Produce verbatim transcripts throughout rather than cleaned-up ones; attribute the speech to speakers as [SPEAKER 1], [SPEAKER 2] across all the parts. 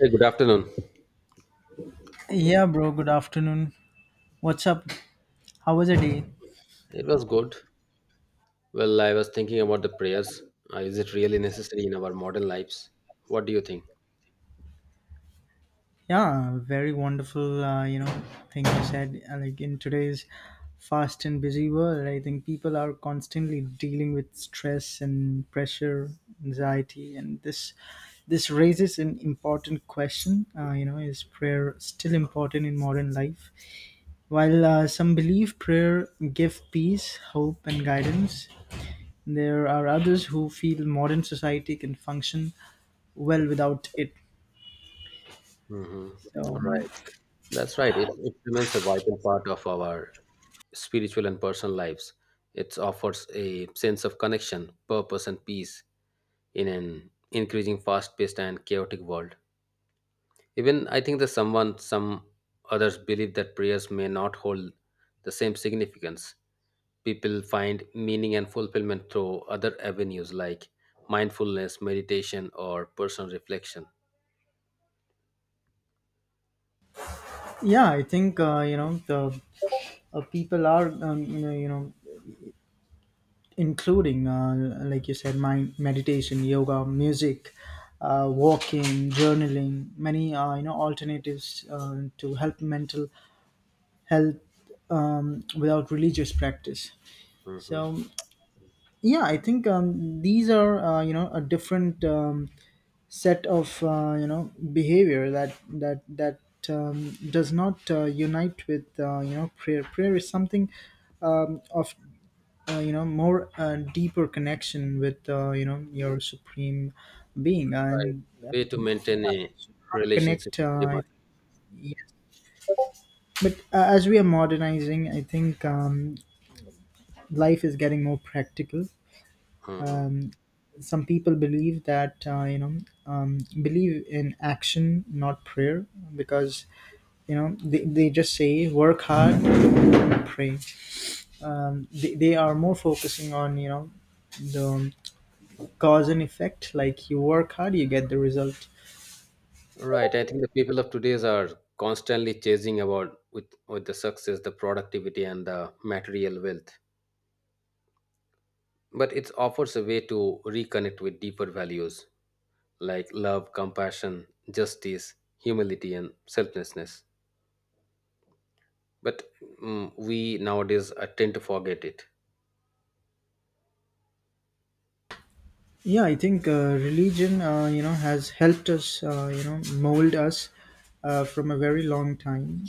[SPEAKER 1] Hey, good afternoon.
[SPEAKER 2] Yeah, bro. Good afternoon. What's up? How was your day?
[SPEAKER 1] It was good. Well, I was thinking about the prayers. Uh, is it really necessary in our modern lives? What do you think?
[SPEAKER 2] Yeah, very wonderful. Uh, you know, thing you said. uh, Like in today's fast and busy world, I think people are constantly dealing with stress and pressure, anxiety, and this this raises an important question. Uh, you know, is prayer still important in modern life? While uh, some believe prayer give peace, hope, and guidance, there are others who feel modern society can function well without it.
[SPEAKER 1] Mm-hmm.
[SPEAKER 2] So
[SPEAKER 1] Right. That's right. It, it remains a vital part of our spiritual and personal lives. It offers a sense of connection, purpose, and peace in an increasing fast paced and chaotic world. Even I think that someone, some others believe that prayers may not hold the same significance. People find meaning and fulfillment through other avenues like mindfulness, meditation, or personal reflection.
[SPEAKER 2] yeah, I think uh, you know the uh, people are um, you know you know, including uh, like you said, mind meditation, yoga, music, uh, walking, journaling, many uh, you know alternatives uh, to help mental health um, without religious practice.
[SPEAKER 1] Mhm.
[SPEAKER 2] So yeah, I think um, these are uh, you know a different. Um, set of uh, you know behavior that that that um, does not uh, unite with uh, you know prayer. Prayer is something um, of uh, you know more uh, deeper connection with uh, you know your supreme being
[SPEAKER 1] Right.
[SPEAKER 2] and
[SPEAKER 1] It's a way to
[SPEAKER 2] um,
[SPEAKER 1] maintain a
[SPEAKER 2] should not
[SPEAKER 1] relationship
[SPEAKER 2] connect. Uh,
[SPEAKER 1] with the
[SPEAKER 2] I
[SPEAKER 1] divine.
[SPEAKER 2] Yeah. But uh, as we are modernizing, I think um, life is getting more practical.
[SPEAKER 1] Mhm.
[SPEAKER 2] Um, some people believe that uh, you know um, believe in action, not prayer, because you know they, they just say work hard and pray um, they, they are more focusing on you know the cause and effect, like you work hard you get the result.
[SPEAKER 1] Right. I think the people of today's are constantly chasing about with, with the success, the productivity, and the material wealth. But it offers a way to reconnect with deeper values like love, compassion, justice, humility, and selflessness. But mm, we nowadays uh, tend to forget it.
[SPEAKER 2] Yeah, I think uh, religion uh, you know has helped us, uh, you know mold us uh, from a very long time.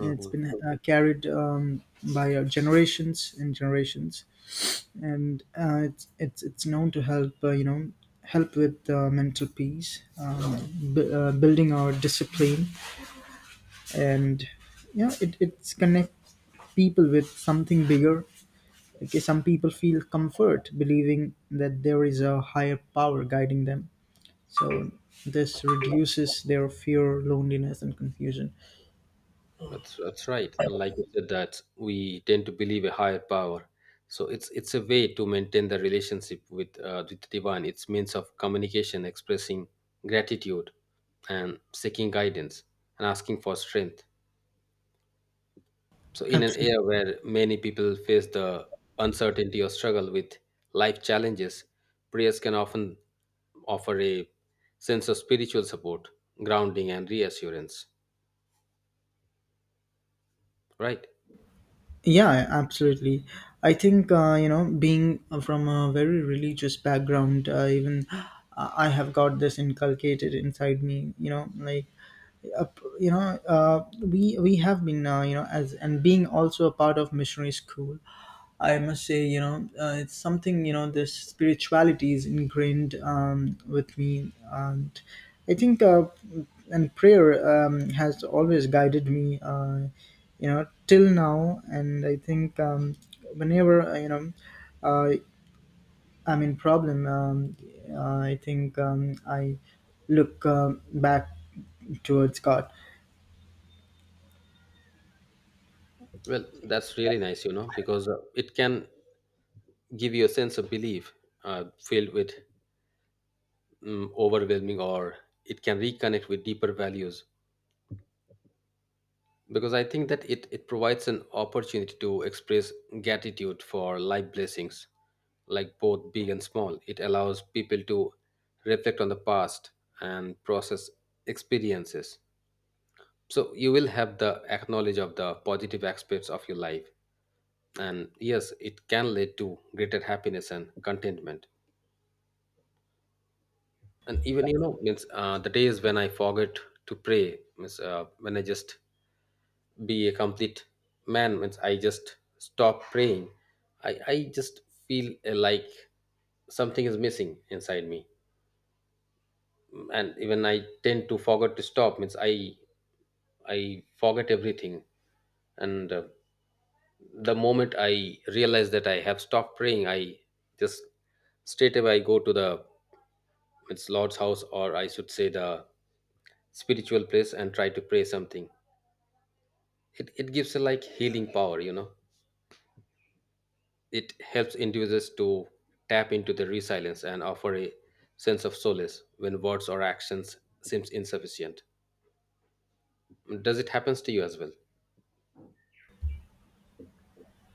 [SPEAKER 2] It's been uh, carried um, by uh, generations and generations, and uh, it's it's it's known to help uh, you know help with uh, mental peace, um, b- uh, building our discipline. And yeah, it, it's connect people with something bigger. Okay, some people feel comfort believing that there is a higher power guiding them, so this reduces their fear, loneliness and confusion.
[SPEAKER 1] That's that's right. And like you said, that we tend to believe a higher power. So it's it's a way to maintain the relationship with uh, with the divine. It's means of communication, expressing gratitude, and seeking guidance and asking for strength. So, in an era where many people face the uncertainty or struggle with life challenges, prayers can often offer a sense of spiritual support, grounding, and reassurance. Right?
[SPEAKER 2] Yeah, absolutely. I think uh, you know, being from a very religious background, uh, even uh, I have got this inculcated inside me. You know, like up- you know uh, we we have been uh, you know as and being also a part of missionary school. I must say, you know, uh, it's something, you know, this spirituality is ingrained um, with me. And I think uh, and prayer um, has always guided me uh, you know till now. And I think um, whenever uh, you know uh, I'm in problem. um, uh, I think um, I look um back towards God.
[SPEAKER 1] Well, that's really nice, you know, because uh, it can give you a sense of belief uh, filled with mm, overwhelming, or it can reconnect with deeper values, because I think that it, it provides an opportunity to express gratitude for life blessings, like both big and small. It allows people to reflect on the past and process experiences. So you will have the acknowledge of the positive aspects of your life, and yes, it can lead to greater happiness and contentment. And even you know means uh, the days when I forget to pray, means uh, when I just be a complete man, means I just stop praying. I i just feel uh, like something is missing inside me. And even I tend to forget to stop, means i i forget everything. And uh, the moment I realize that I have stopped praying, I just straight away I go to the, it's lord's house, or I should say the spiritual place, and try to pray something. It, it gives a like healing power you know It helps individuals to tap into their resilience and offer a sense of solace when words or actions seems insufficient. Does it happens to you as well?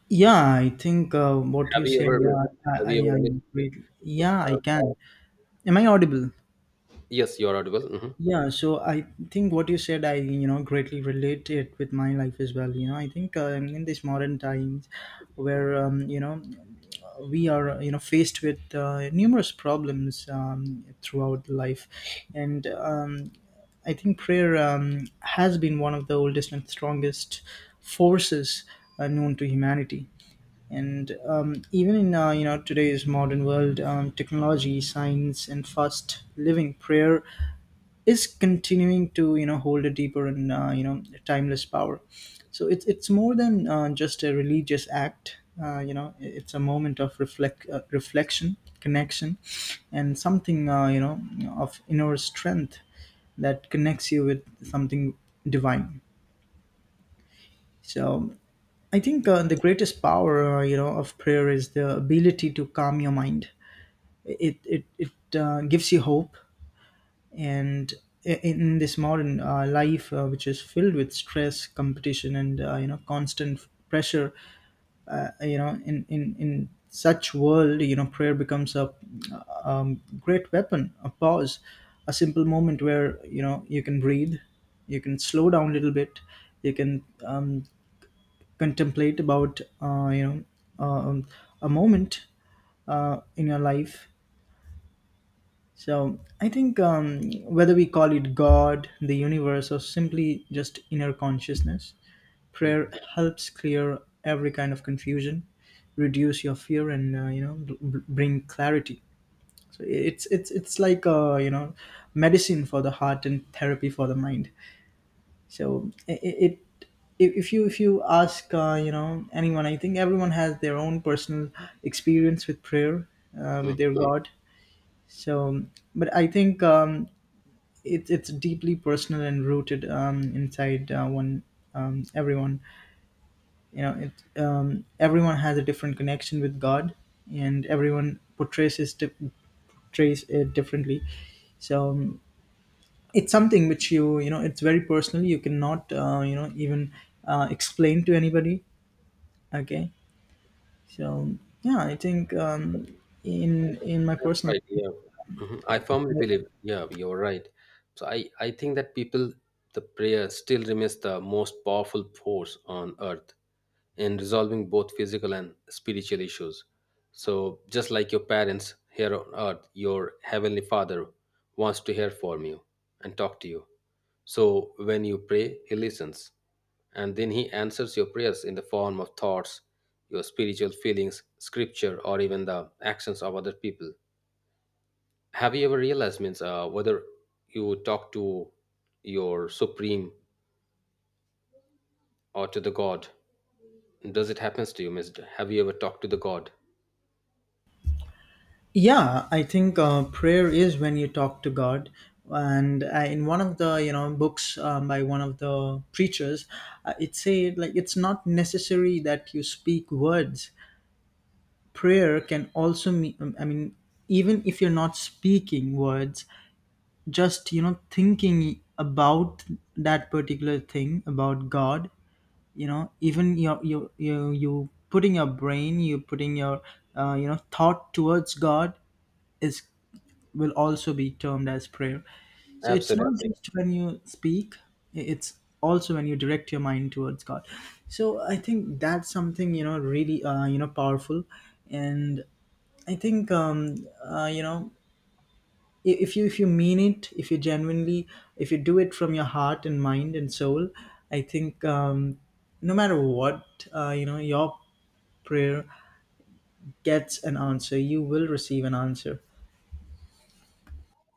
[SPEAKER 2] Yeah, I think uh, what
[SPEAKER 1] Have
[SPEAKER 2] you
[SPEAKER 1] you
[SPEAKER 2] said,
[SPEAKER 1] ever?
[SPEAKER 2] yeah,
[SPEAKER 1] Have
[SPEAKER 2] I, I,
[SPEAKER 1] you ever
[SPEAKER 2] I
[SPEAKER 1] Missed,
[SPEAKER 2] greatly, yeah, I
[SPEAKER 1] uh,
[SPEAKER 2] can. Am I audible?
[SPEAKER 1] yes, you're audible.
[SPEAKER 2] Yeah, so I think what you said, I, you know, greatly relate it with my life as well. You know, I think uh, in these modern times where, um, you know, we are, you know, faced with uh, numerous problems um, throughout life. And um, I think prayer um, has been one of the oldest and strongest forces uh, known to humanity. And um, even in uh, you know today's modern world, um, technology, science, and fast living, prayer is continuing to you know hold a deeper and uh, you know timeless power. So it's it's more than uh, just a religious act. Uh, you know, it's a moment of reflect uh, reflection, connection, and something uh, you know of inner strength that connects you with something divine. So I think uh, the greatest power, uh, you know, of prayer is the ability to calm your mind. it it it uh, gives you hope. And i- in this modern uh, life uh, which is filled with stress, competition and uh, you know constant pressure, uh, you know in in in such world, you know, prayer becomes a um, great weapon, a pause, a simple moment where you know you can breathe, you can slow down a little bit, you can um, contemplate about uh, you know um, a moment uh, in your life. So I think um, whether we call it God, the universe, or simply just inner consciousness, prayer
[SPEAKER 1] Hmm.
[SPEAKER 2] helps clear every kind of confusion, reduce your fear, and uh, you know b- b- bring clarity. So it's it's it's like uh, you know medicine for the heart and therapy for the mind. So it, it if if you if you ask uh, you know anyone, I think everyone has their own personal experience with prayer, uh,
[SPEAKER 1] Hmm.
[SPEAKER 2] with their God. So, but I think. Um, it's it's deeply personal and rooted um, inside uh, one um, everyone. You know it um, everyone has a different connection with God, and everyone portrays his di- portrays it differently. So um, it's something which you you know it's very personal. You cannot uh, you know even uh, explain to anybody. Okay, so yeah, I think um, in in my
[SPEAKER 1] That's
[SPEAKER 2] personal.
[SPEAKER 1] right. Yeah. Mhm. I firmly believe. Yeah, you're right. So I I think that people, the prayer still remains the most powerful force on earth in resolving both physical and spiritual issues. So just like your parents here on earth, your heavenly Father wants to hear from you and talk to you. So when you pray, he listens, and then he answers your prayers in the form of thoughts, your spiritual feelings, scripture, or even the actions of other people. Have you ever realized, means uh, whether you talk to your supreme or to the God? Does it happens to you, means have you ever talked to the God?
[SPEAKER 2] Yeah, I think uh, prayer is when you talk to God. And I, in one of the you know books um, by one of the preachers, uh, it said like it's not necessary that you speak words. Prayer can also mean I mean even if you're not speaking words, just you know thinking about that particular thing about God. You know, even your you you you putting your brain, you putting your uh, you know thought towards God is will also be termed as prayer. So it's not
[SPEAKER 1] Absolutely.
[SPEAKER 2] just when you speak, i- it's also when you direct your mind towards God. So I think that's something, you know, really, uh, you know, powerful. And I think, um, uh, you know, i- if you if you mean it, if you genuinely, if you do it from your heart and mind and soul, I think um, no matter what, uh, you know, your prayer gets an answer. You will receive an answer.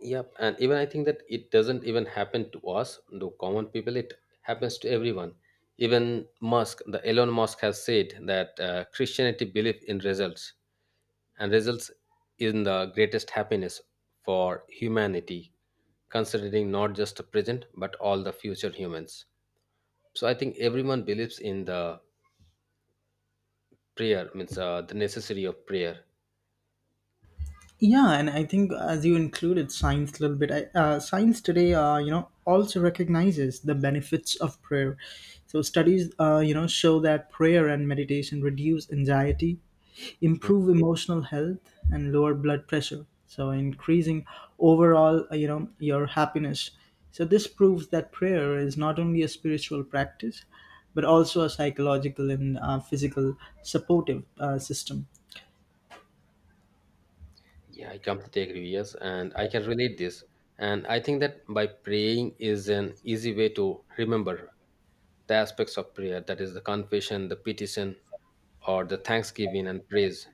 [SPEAKER 1] Yep, and even I think that it doesn't even happen to us the common people, it happens to everyone. Even musk the elon musk has said that uh, Christianity believe in results, and results in the greatest happiness for humanity, considering not just the present but all the future humans. So I think everyone believes in the prayer, means uh, the necessity of prayer.
[SPEAKER 2] Yeah, and I think as you included science a little bit, I, uh, science today, uh, you know, also recognizes the benefits of prayer. So studies, uh, you know, show that prayer and meditation reduce anxiety,
[SPEAKER 1] Mm.
[SPEAKER 2] improve emotional health, and lower blood pressure. So increasing overall, uh, you know, your happiness. So this proves that prayer is not only a spiritual practice, but also a psychological and uh, physical supportive uh, system.
[SPEAKER 1] Yeah, I completely agree. Yes, and I can relate this. And I think that by praying is an easy way to remember the aspects of prayer, that is the confession, the petition, or the thanksgiving and praise.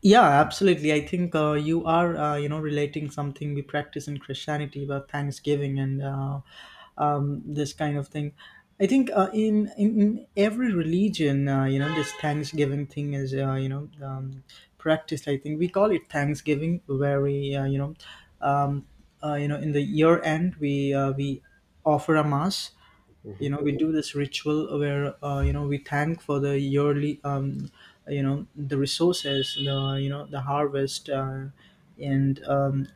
[SPEAKER 2] Yeah, absolutely. I think uh, you are, uh, you know, relating something we practice in Christianity about Thanksgiving and uh, um, this kind of thing. I think uh, in, in in every religion, uh, you know, this Thanksgiving thing is, uh, you know, um, practiced. I think we call it Thanksgiving, where we, uh, you know, um, uh, you know, in the year end we uh, we offer a mass. You
[SPEAKER 1] Mhm.
[SPEAKER 2] know, we do this ritual where uh, you know we thank for the yearly um, you know the resources, the you know the harvest, uh, and um,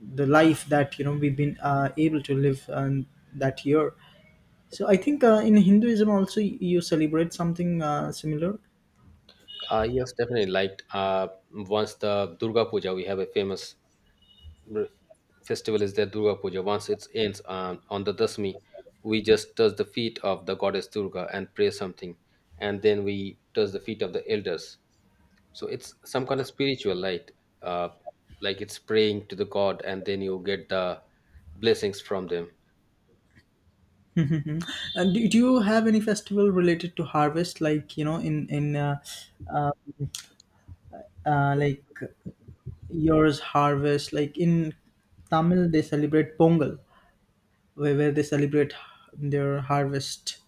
[SPEAKER 2] the life that you know we've been uh, able to live um, that year. So I think uh, in Hinduism also y- you celebrate something uh, similar.
[SPEAKER 1] Uh, yes, definitely. Like uh, once the Durga Puja, we have a famous r- festival is there, Durga Puja. Once it ends um, on the Dasmi, we just touch the feet of the goddess Durga and pray something, and then we touch the feet of the elders. So it's some kind of spiritual light, uh, like it's praying to the God, and then you get the blessings from them.
[SPEAKER 2] Mhm. And do, do you have any festival related to harvest, like you know, in in uh, uh, like yours harvest, like in Tamil they celebrate Pongal, where, where they celebrate their harvest.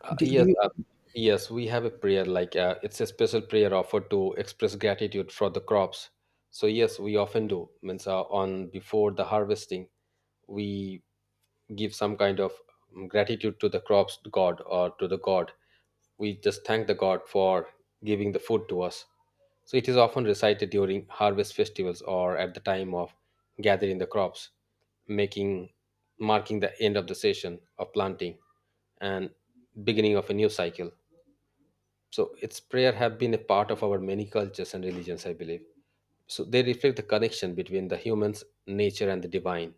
[SPEAKER 1] Uh,
[SPEAKER 2] Do, do
[SPEAKER 1] yes,
[SPEAKER 2] you?
[SPEAKER 1] uh, yes, we have a prayer like uh, it's a special prayer offered to express gratitude for the crops. So yes, we often do. Means uh, on before the harvesting, we give some kind of um, gratitude to the crops god, or to the God. We just thank the God for giving the food to us. So it is often recited during harvest festivals or at the time of gathering the crops, making, marking the end of the session of planting, and beginning of a new cycle. So its prayer have been a part of our many cultures and religions, I believe. So they reflect the connection between the humans, nature, and the divine.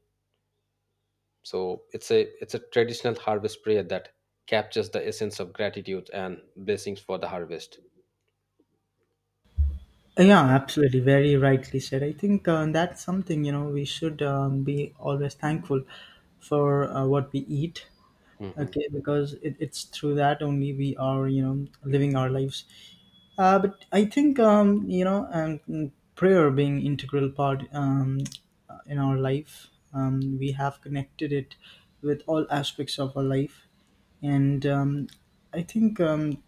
[SPEAKER 1] So it's a it's a traditional harvest prayer that captures the essence of gratitude and blessings for the harvest.
[SPEAKER 2] Yeah, absolutely. Very rightly said. I think uh, that's something you know we should um, be always thankful for uh, what we eat.
[SPEAKER 1] Mhm.
[SPEAKER 2] Okay, because it, it's through that only we are you know living our lives. Uh, but I think um, you know um, prayer being integral part um, in our life. Um, we have connected it with all aspects of our life, and um, I think um,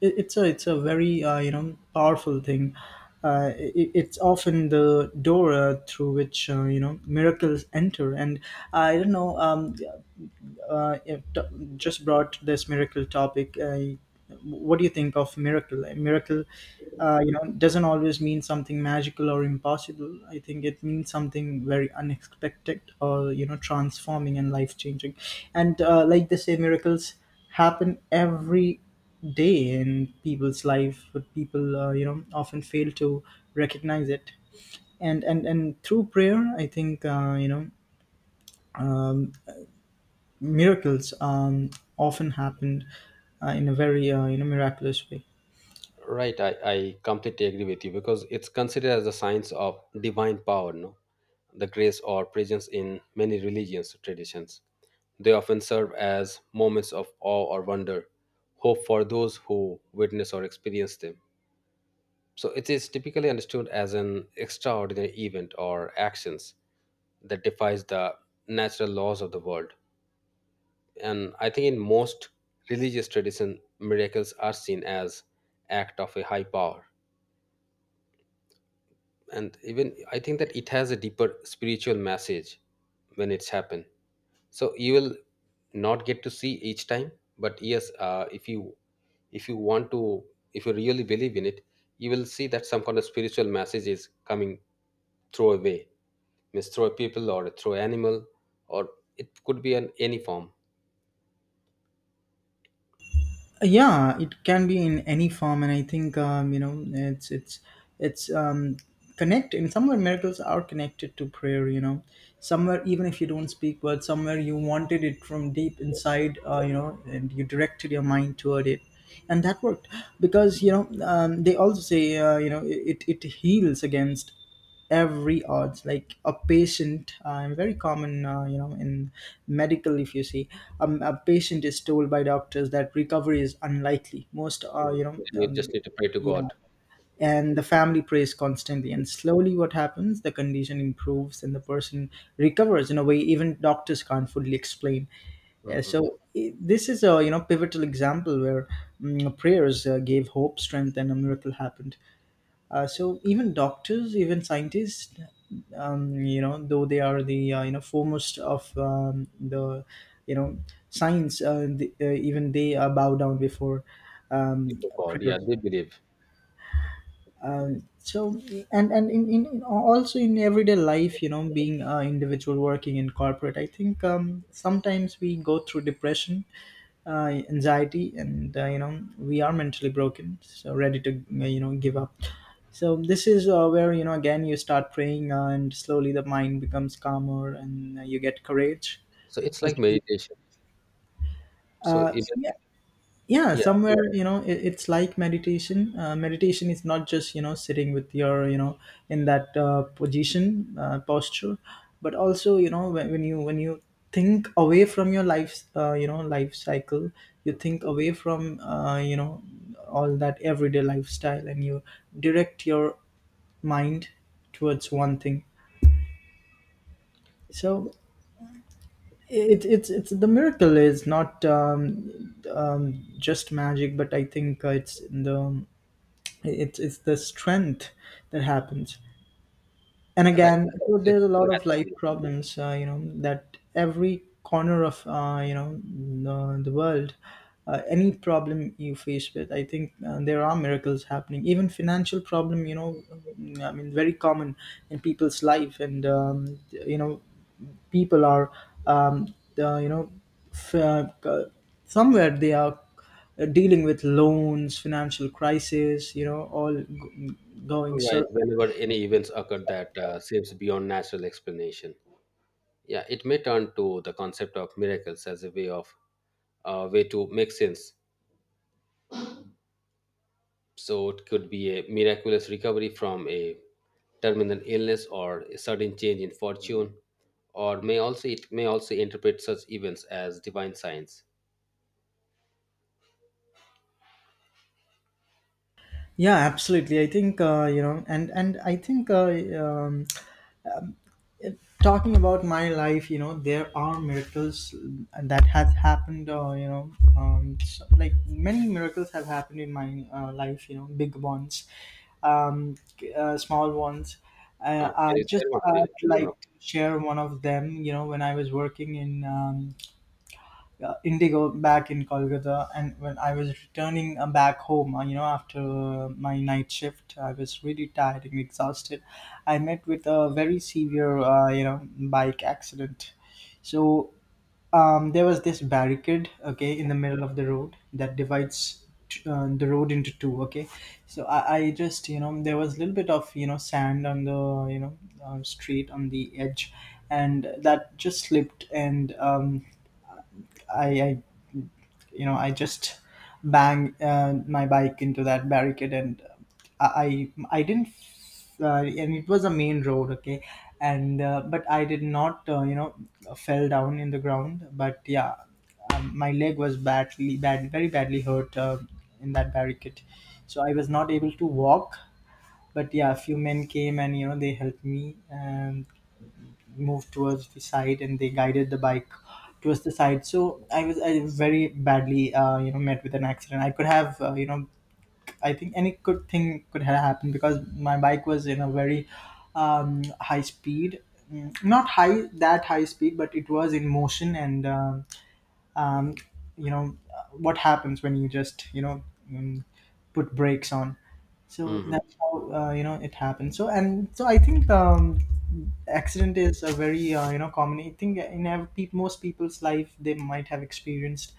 [SPEAKER 2] it, it's a it's a very uh, you know powerful thing. Uh, it, it's often the door uh, through which uh, you know miracles enter, and I don't know. Um, uh, if t- just brought this miracle topic. Uh, what do you think of miracle? A miracle, uh, you know, doesn't always mean something magical or impossible. I think it means something very unexpected or you know, transforming and life changing. And uh, like they say, miracles happen every day in people's life, but people uh, you know often fail to recognize it. And and and through prayer, I think uh, you know. Um, miracles um, often happen uh, in a very uh, you know miraculous way.
[SPEAKER 1] Right, I, I completely agree with you, because it's considered as a science of divine power, no? The grace or presence in many religions traditions. They often serve as moments of awe or wonder, hope for those who witness or experience them. So it is typically understood as an extraordinary event or actions that defies the natural laws of the world. And I think in most religious tradition, miracles are seen as act of a high power. And even I think that it has a deeper spiritual message when it's happened. So you will not get to see each time, but yes, uh, if you, if you want to if you really believe in it, you will see that some kind of spiritual message is coming through a way, means through a people, or through animal, or it could be in any form.
[SPEAKER 2] Uh, Yeah, it can be in any form, and I think um, you know it's it's it's um, connect in somewhere miracles are connected to prayer. You know, somewhere even if you don't speak words, somewhere you wanted it from deep inside. Uh, you know, and you directed your mind toward it. And that worked because you know um, they also say uh, you know it, it heals against every odds like a patient uh, and very common uh, you know in medical if you see um, a patient is told by doctors that recovery is unlikely most uh, you
[SPEAKER 1] Mhm.
[SPEAKER 2] know
[SPEAKER 1] You
[SPEAKER 2] um,
[SPEAKER 1] just need to pray to
[SPEAKER 2] yeah.
[SPEAKER 1] God. Mhm.
[SPEAKER 2] And the family prays constantly, and slowly what happens, the condition improves and the person recovers in a way even doctors can't fully explain. Yeah,
[SPEAKER 1] Mhm.
[SPEAKER 2] so i- this is a you know pivotal example where mm, prayers uh, gave hope, strength, and a miracle happened. Uh, so even doctors, even scientists, um, you know, though they are the uh, you know foremost of um, the you know science, uh, the, uh, even they uh, bow down before um,
[SPEAKER 1] Before God, yeah,
[SPEAKER 2] prayers.
[SPEAKER 1] they believe.
[SPEAKER 2] Um, so and and in, in, in also in everyday life, you know, being an individual working in corporate, I think um, sometimes we go through depression, uh, anxiety, and uh, you know we are mentally broken, so ready to you know give up. So this is uh, where, you know, again you start praying, uh, and slowly the mind becomes calmer and uh, you get courage.
[SPEAKER 1] So it's like
[SPEAKER 2] Okay.
[SPEAKER 1] meditation. So
[SPEAKER 2] Uh, so,
[SPEAKER 1] even,
[SPEAKER 2] yeah, yeah,
[SPEAKER 1] yeah,
[SPEAKER 2] somewhere, you know, it, it's like meditation. Uh, meditation is not just, you know, sitting with your, you know, in that uh, position, uh, posture, but also, you know, when, when you when you think away from your life, uh, you know life cycle. You
[SPEAKER 1] mhm.
[SPEAKER 2] think away from uh, you know all that everyday lifestyle, and you direct your mind towards one thing. So it, it's it's the miracle is not um, um, just magic, but I think uh, it's the it's it's the strength that happens. And
[SPEAKER 1] Right.
[SPEAKER 2] again, so
[SPEAKER 1] It's
[SPEAKER 2] there's a
[SPEAKER 1] just-
[SPEAKER 2] lot of life problems uh, you know that every corner of uh, you know the, the world. Uh, any problem you face with, I think uh, there are miracles happening, even financial problem, you know, I mean, very common in people's life. And um, you know people are um, uh, you know f- uh, uh, somewhere they are uh, dealing with loans, financial crisis, you know, all g- going.
[SPEAKER 1] Right.
[SPEAKER 2] So
[SPEAKER 1] Whenever any events occur that uh, seems beyond natural explanation, yeah, it may turn to the concept of miracles as a way of, uh, way to make sense. So it could be a miraculous recovery from a terminal illness or a sudden change in fortune, or may also it may also interpret such events as divine signs.
[SPEAKER 2] yeah, absolutely, I think uh, you know and and I think uh, um, talking about my life, you know, there are miracles that has happened, uh, you know um, so, like many miracles have happened in my uh, life, you know, big ones, um, uh, small ones. uh,
[SPEAKER 1] Uh,
[SPEAKER 2] I
[SPEAKER 1] there is-
[SPEAKER 2] just
[SPEAKER 1] there
[SPEAKER 2] uh,
[SPEAKER 1] was.
[SPEAKER 2] like to share one of them, you know, when I was working in um, uh, Indigo back in Kolkata, and when I was returning uh, back home, uh, you know, after uh, my night shift, I was really tired and exhausted. I met with a very severe, uh, you know, bike accident. So um, there was this barricade, okay, in the middle of the road that divides t- uh, the road into two, okay. So I, I just, you know, there was a little bit of, you know, sand on the, you know, uh, street on the edge, and that just slipped. And um, I, I you know, I just bang uh, my bike into that barricade, and uh, I, I I didn't, uh, and it was a main road, okay, and uh, but I did not, uh, you know, fell down in the ground. But yeah, um, my leg was badly, bad, very badly hurt uh, in that barricade, so I was not able to walk. But yeah, a few men came and, you know, they helped me and moved towards the side, and they guided the bike towards the side. So I was I very badly uh, you know met with an accident. I could have uh, you know I think any good thing could have happened because my bike was in a very um, high speed. Mm, not high that high speed, but it was in motion. And um um, you know, uh, what happens when you just, you know, mm, put brakes on. So
[SPEAKER 1] Mhm.
[SPEAKER 2] that's how, uh, you know it happens. So and so I think um, accident is a very uh, you know common, I think, in ev- pe- most people's life. They might have experienced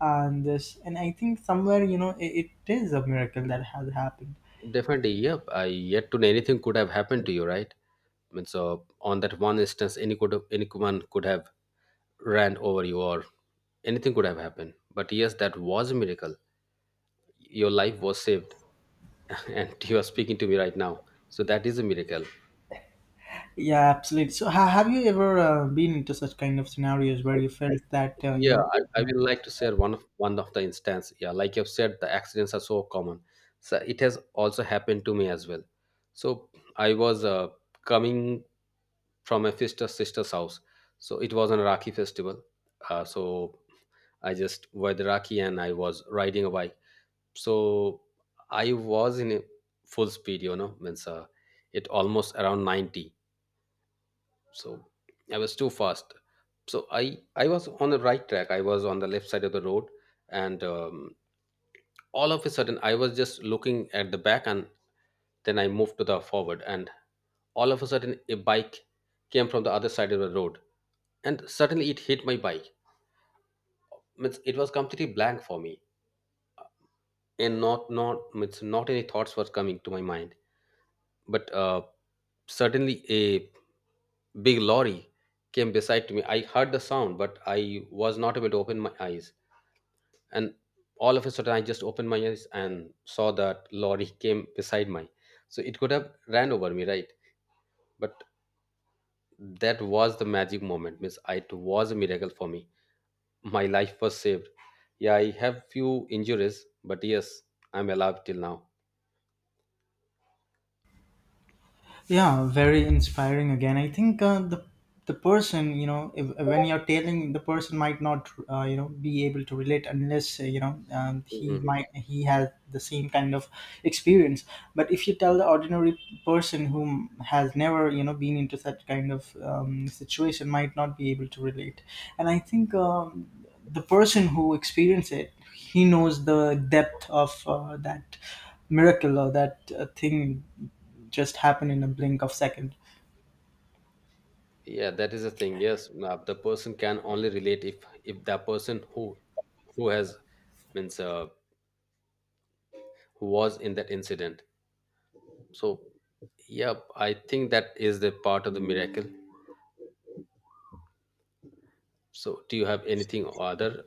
[SPEAKER 2] uh, this, and I think somewhere, you know, it, it is a miracle that has happened.
[SPEAKER 1] Definitely, yep. I yet to know anything could have happened to you, right? I mean, so on that one instance, any could have, anyone could have ran over you, or anything could have happened. But yes, that was a miracle. Your life was saved, and you are speaking to me right now. So that is a miracle.
[SPEAKER 2] Yeah, absolutely. So ha- have you ever uh, been into such kind of scenarios where
[SPEAKER 1] So,
[SPEAKER 2] you felt that uh, you
[SPEAKER 1] yeah,
[SPEAKER 2] know
[SPEAKER 1] I, I will like to share one of one of the instance. Yeah, like you've said, the accidents are so common. So it has also happened to me as well. So I was uh, coming from my sister sister's house. So it was an Rakhi festival. Uh, so I just wore the Rakhi and I was riding a bike. So I was in a full speed, you know, means uh, it almost around ninety. So I was too fast. So I I was on the right track. I was on the left side of the road, and um, all of a sudden I was just looking at the back, and then I moved to the forward, and all of a sudden a bike came from the other side of the road, and suddenly it hit my bike. Means it was completely blank for me, and not not means not any thoughts were coming to my mind. But uh, suddenly a big lorry came beside to me. I heard the sound but I was not able to open my eyes, and all of a sudden I just opened my eyes and saw that lorry came beside my. So it could have ran over me, right? But that was the magic moment, means I- it was a miracle for me. My life was saved. Yeah, I have few injuries, but yes, I'm alive till now.
[SPEAKER 2] yeah, very inspiring. Again, I think uh, the the person, you know, if, when you're telling, the person might not uh, you know be able to relate unless uh, you know um, he
[SPEAKER 1] Mhm.
[SPEAKER 2] might he has the same kind of experience. But if you tell the ordinary person who has never, you know, been into such kind of um, situation, might not be able to relate. And I think um, the person who experienced it, he knows the depth of uh, that miracle or that uh, thing just happen in a blink of second.
[SPEAKER 1] Yeah, that is the thing. Yes, now the person can only relate if if that person who who has, means uh, who was in that incident. So yeah, I think that is the part of the miracle. So do you have anything other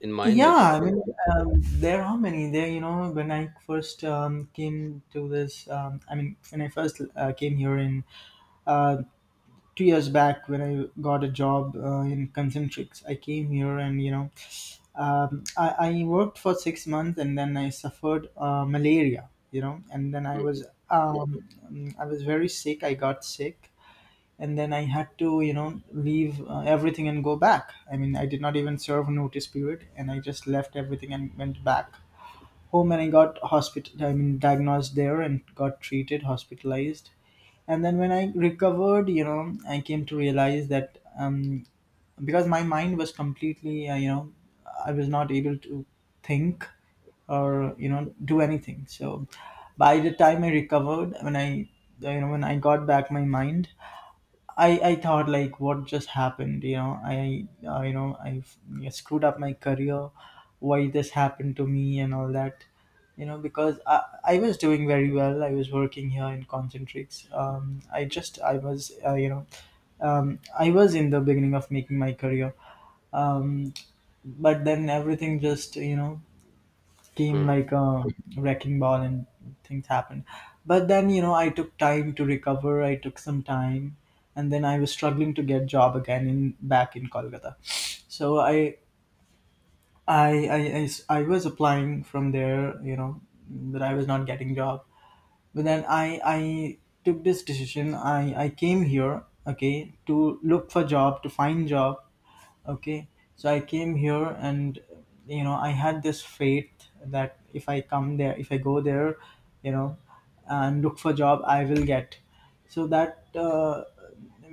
[SPEAKER 1] in mind, means?
[SPEAKER 2] Yeah, I mean, um, there are many there, you know, when I first um, came to this um, I mean when I first uh, came here in uh, two years back when I got a job uh, in concentrics. I came here, and you know, um, I, I worked for six months, and then I suffered uh, malaria, you know. And then I
[SPEAKER 1] Mhm.
[SPEAKER 2] was um, I was very sick. I got sick, and then I had to, you know, leave uh, everything and go back. I mean, I did not even serve notice period, and I just left everything and went back home. And I got hospital, I mean, diagnosed there and got treated, hospitalized. And then when I recovered, you know, I came to realize that um, because my mind was completely uh, you know I was not able to think or, you know, do anything. So by the time I recovered, when I, you know, when I got back my mind, I I thought like what just happened, you know. I uh, you know I screwed up my career. Why this happened to me and all that, you know, because I I was doing very well. I was working here in Concentrates. Um, I just I was uh, you know um I was in the beginning of making my career. Um, but then everything just, you know, came
[SPEAKER 1] Mhm.
[SPEAKER 2] like a wrecking ball, and things happened. But then, you know, I took time to recover. I took some time, and then I was struggling to get job again in back in Kolkata. So i i i, I s- I was applying from there, you know, but I was not getting job. But then I I took this decision. i I came here, okay, to look for job, to find job. Okay, so I came here, and you know, I had this faith that if i come there if I go there, you know, and look for job, I will get. So that uh,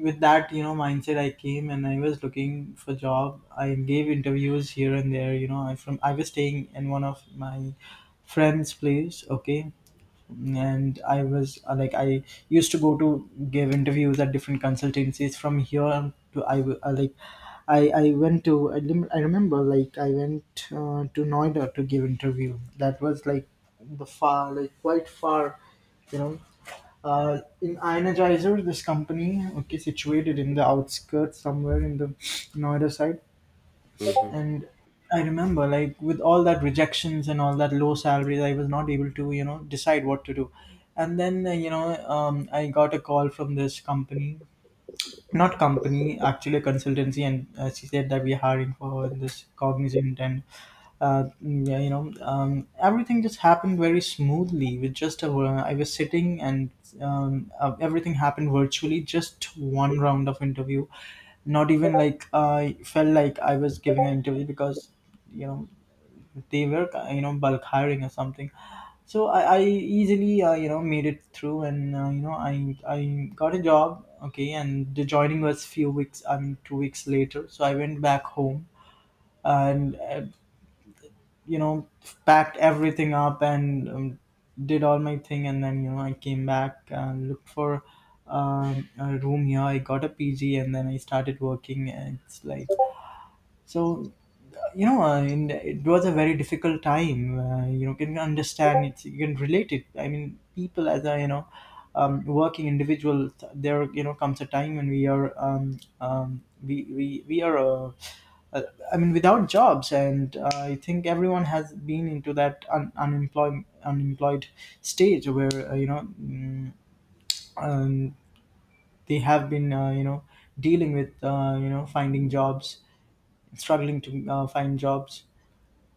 [SPEAKER 2] with that, you know, mindset, I came, and I was looking for job. I gave interviews here and there, you know. i from I was staying in one of my friend's place, okay, and I was uh, like I used to go to give interviews at different consultancies from here to i w- uh, like i i went to i, lim- I remember, like, I went uh, to Noida to give interview. That was like the far, like quite far, you know, uh, in Ionizer, this company, okay, situated in the outskirts somewhere in the Noida side.
[SPEAKER 1] Mhm.
[SPEAKER 2] And I remember, like, with all that rejections and all that low salaries, I was not able to, you know, decide what to do. And then uh, you know um, I got a call from this company, not company, actually a consultancy. And uh, she said that we are hiring for this Cognizant. And uh, yeah, you know, um, everything just happened very smoothly. With just a, I was sitting, and um, uh, everything happened virtually. Just one round of interview. Not even like I felt like I was giving an interview, because, you know, they were, you know, bulk hiring or something. So I, I easily uh, you know made it through, and uh, you know I I got a job. Okay, and the joining was few weeks um, two weeks later. So I went back home, and uh, you know packed everything up, and um, did all my thing. And then, you know, I came back and looked for um, a room here. I got a PG, and then I started working. And it's like, so, you know, uh, in, it was a very difficult time. Uh, you know can understand it, you can relate it. I mean, people as a, you know, um, working individuals, there, you know, comes a time when we are um, um, we, we we are uh, uh, I mean, without jobs. And uh, I think everyone has been into that un- unemployed unemployed stage where, uh, you know mm, um, they have been uh, you know dealing with uh, you know finding jobs, struggling to uh, find jobs.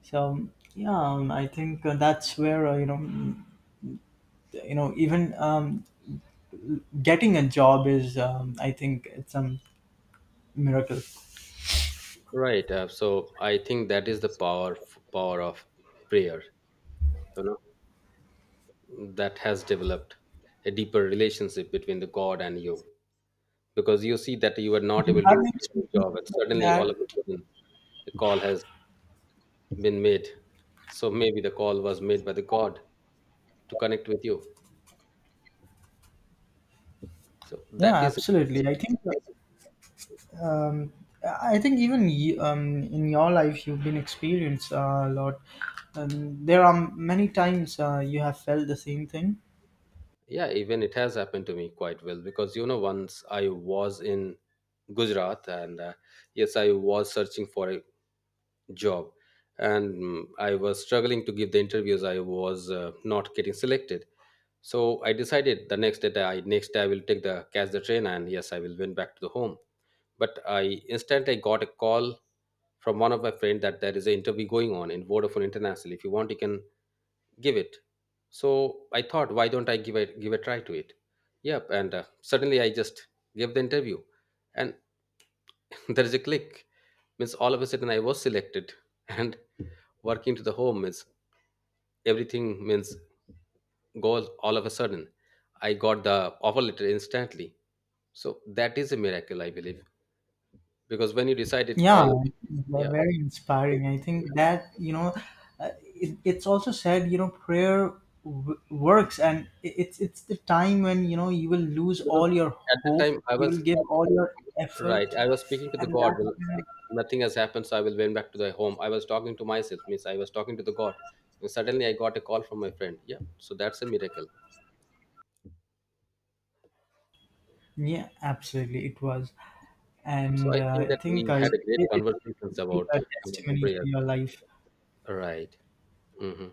[SPEAKER 2] So yeah, um, I think uh, that's where, uh, you know mm, you know, even um, getting a job is um, I think it's a miracle.
[SPEAKER 1] Right. Uh, so I think that is the power, power of prayer. You know, that has developed a deeper relationship between the God and you, because you see that you were
[SPEAKER 2] Do
[SPEAKER 1] not
[SPEAKER 2] you
[SPEAKER 1] able to
[SPEAKER 2] have
[SPEAKER 1] do
[SPEAKER 2] any
[SPEAKER 1] your
[SPEAKER 2] experience
[SPEAKER 1] job, and
[SPEAKER 2] like
[SPEAKER 1] suddenly all
[SPEAKER 2] that?
[SPEAKER 1] of a sudden a call has been made. So maybe the call was made by the God to connect with you. So
[SPEAKER 2] Yeah,
[SPEAKER 1] that is
[SPEAKER 2] absolutely.
[SPEAKER 1] significant.
[SPEAKER 2] I think. uh, um, I think even y- um, in your life you've been experienced uh, a lot. Um, there are many times uh, you have felt the same thing.
[SPEAKER 1] Yeah, even it has happened to me quite well, because, you know, once I was in Gujarat, and uh, yes, I was searching for a job, and mm, I was struggling to give the interviews. I was uh, not getting selected. So I decided the next day that I next day I will take the catch the train, and yes I will went back to the home. But I instantly got a call from one of my friend that there is an interview going on in Vodafone International. If you want, you can give it. So I thought, why don't I give a give a try to it? Yep, and uh, suddenly I just gave the interview, and there is a click. Means all of a sudden I was selected, and working to the home, means everything means goes all of a sudden. I got the offer letter instantly. So that is a miracle, I believe, because when you decided
[SPEAKER 2] Yeah,
[SPEAKER 1] all,
[SPEAKER 2] they're
[SPEAKER 1] yeah,
[SPEAKER 2] very inspiring. I think that, you know, uh, it, it's also said, you know, prayer w- works, and i- it's it's the time when, you know, you will lose
[SPEAKER 1] because
[SPEAKER 2] all your
[SPEAKER 1] at that
[SPEAKER 2] hope,
[SPEAKER 1] time I
[SPEAKER 2] you will
[SPEAKER 1] was.
[SPEAKER 2] give all your effort,
[SPEAKER 1] Right. I was speaking to the
[SPEAKER 2] and
[SPEAKER 1] God.
[SPEAKER 2] that's
[SPEAKER 1] Well,
[SPEAKER 2] when
[SPEAKER 1] uh, nothing has happened, so I will went back to the home. I was talking to myself, means I was talking to the God, and suddenly I got a call from my friend. Yeah. So that's a miracle.
[SPEAKER 2] yeah, absolutely, it was.
[SPEAKER 1] So
[SPEAKER 2] And
[SPEAKER 1] I think
[SPEAKER 2] uh, I
[SPEAKER 1] that
[SPEAKER 2] think
[SPEAKER 1] we
[SPEAKER 2] uh,
[SPEAKER 1] had a great
[SPEAKER 2] it, it
[SPEAKER 1] conversations
[SPEAKER 2] would
[SPEAKER 1] about
[SPEAKER 2] a
[SPEAKER 1] about the
[SPEAKER 2] testimony to
[SPEAKER 1] prayers.
[SPEAKER 2] your life.
[SPEAKER 1] Right. Hmm.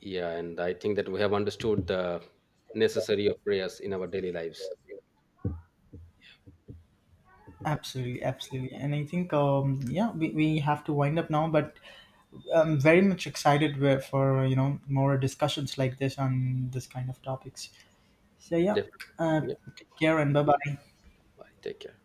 [SPEAKER 1] Yeah, and I think that we have understood the necessary of prayers in our daily lives.
[SPEAKER 2] Absolutely, absolutely. And I think um, yeah, we, we have to wind up now. But I'm very much excited wi- for, you know, more discussions like this on this kind of topics. So yeah,
[SPEAKER 1] Definitely.
[SPEAKER 2] uh,
[SPEAKER 1] Yeah.
[SPEAKER 2] take care and bye bye.
[SPEAKER 1] Bye. Take care.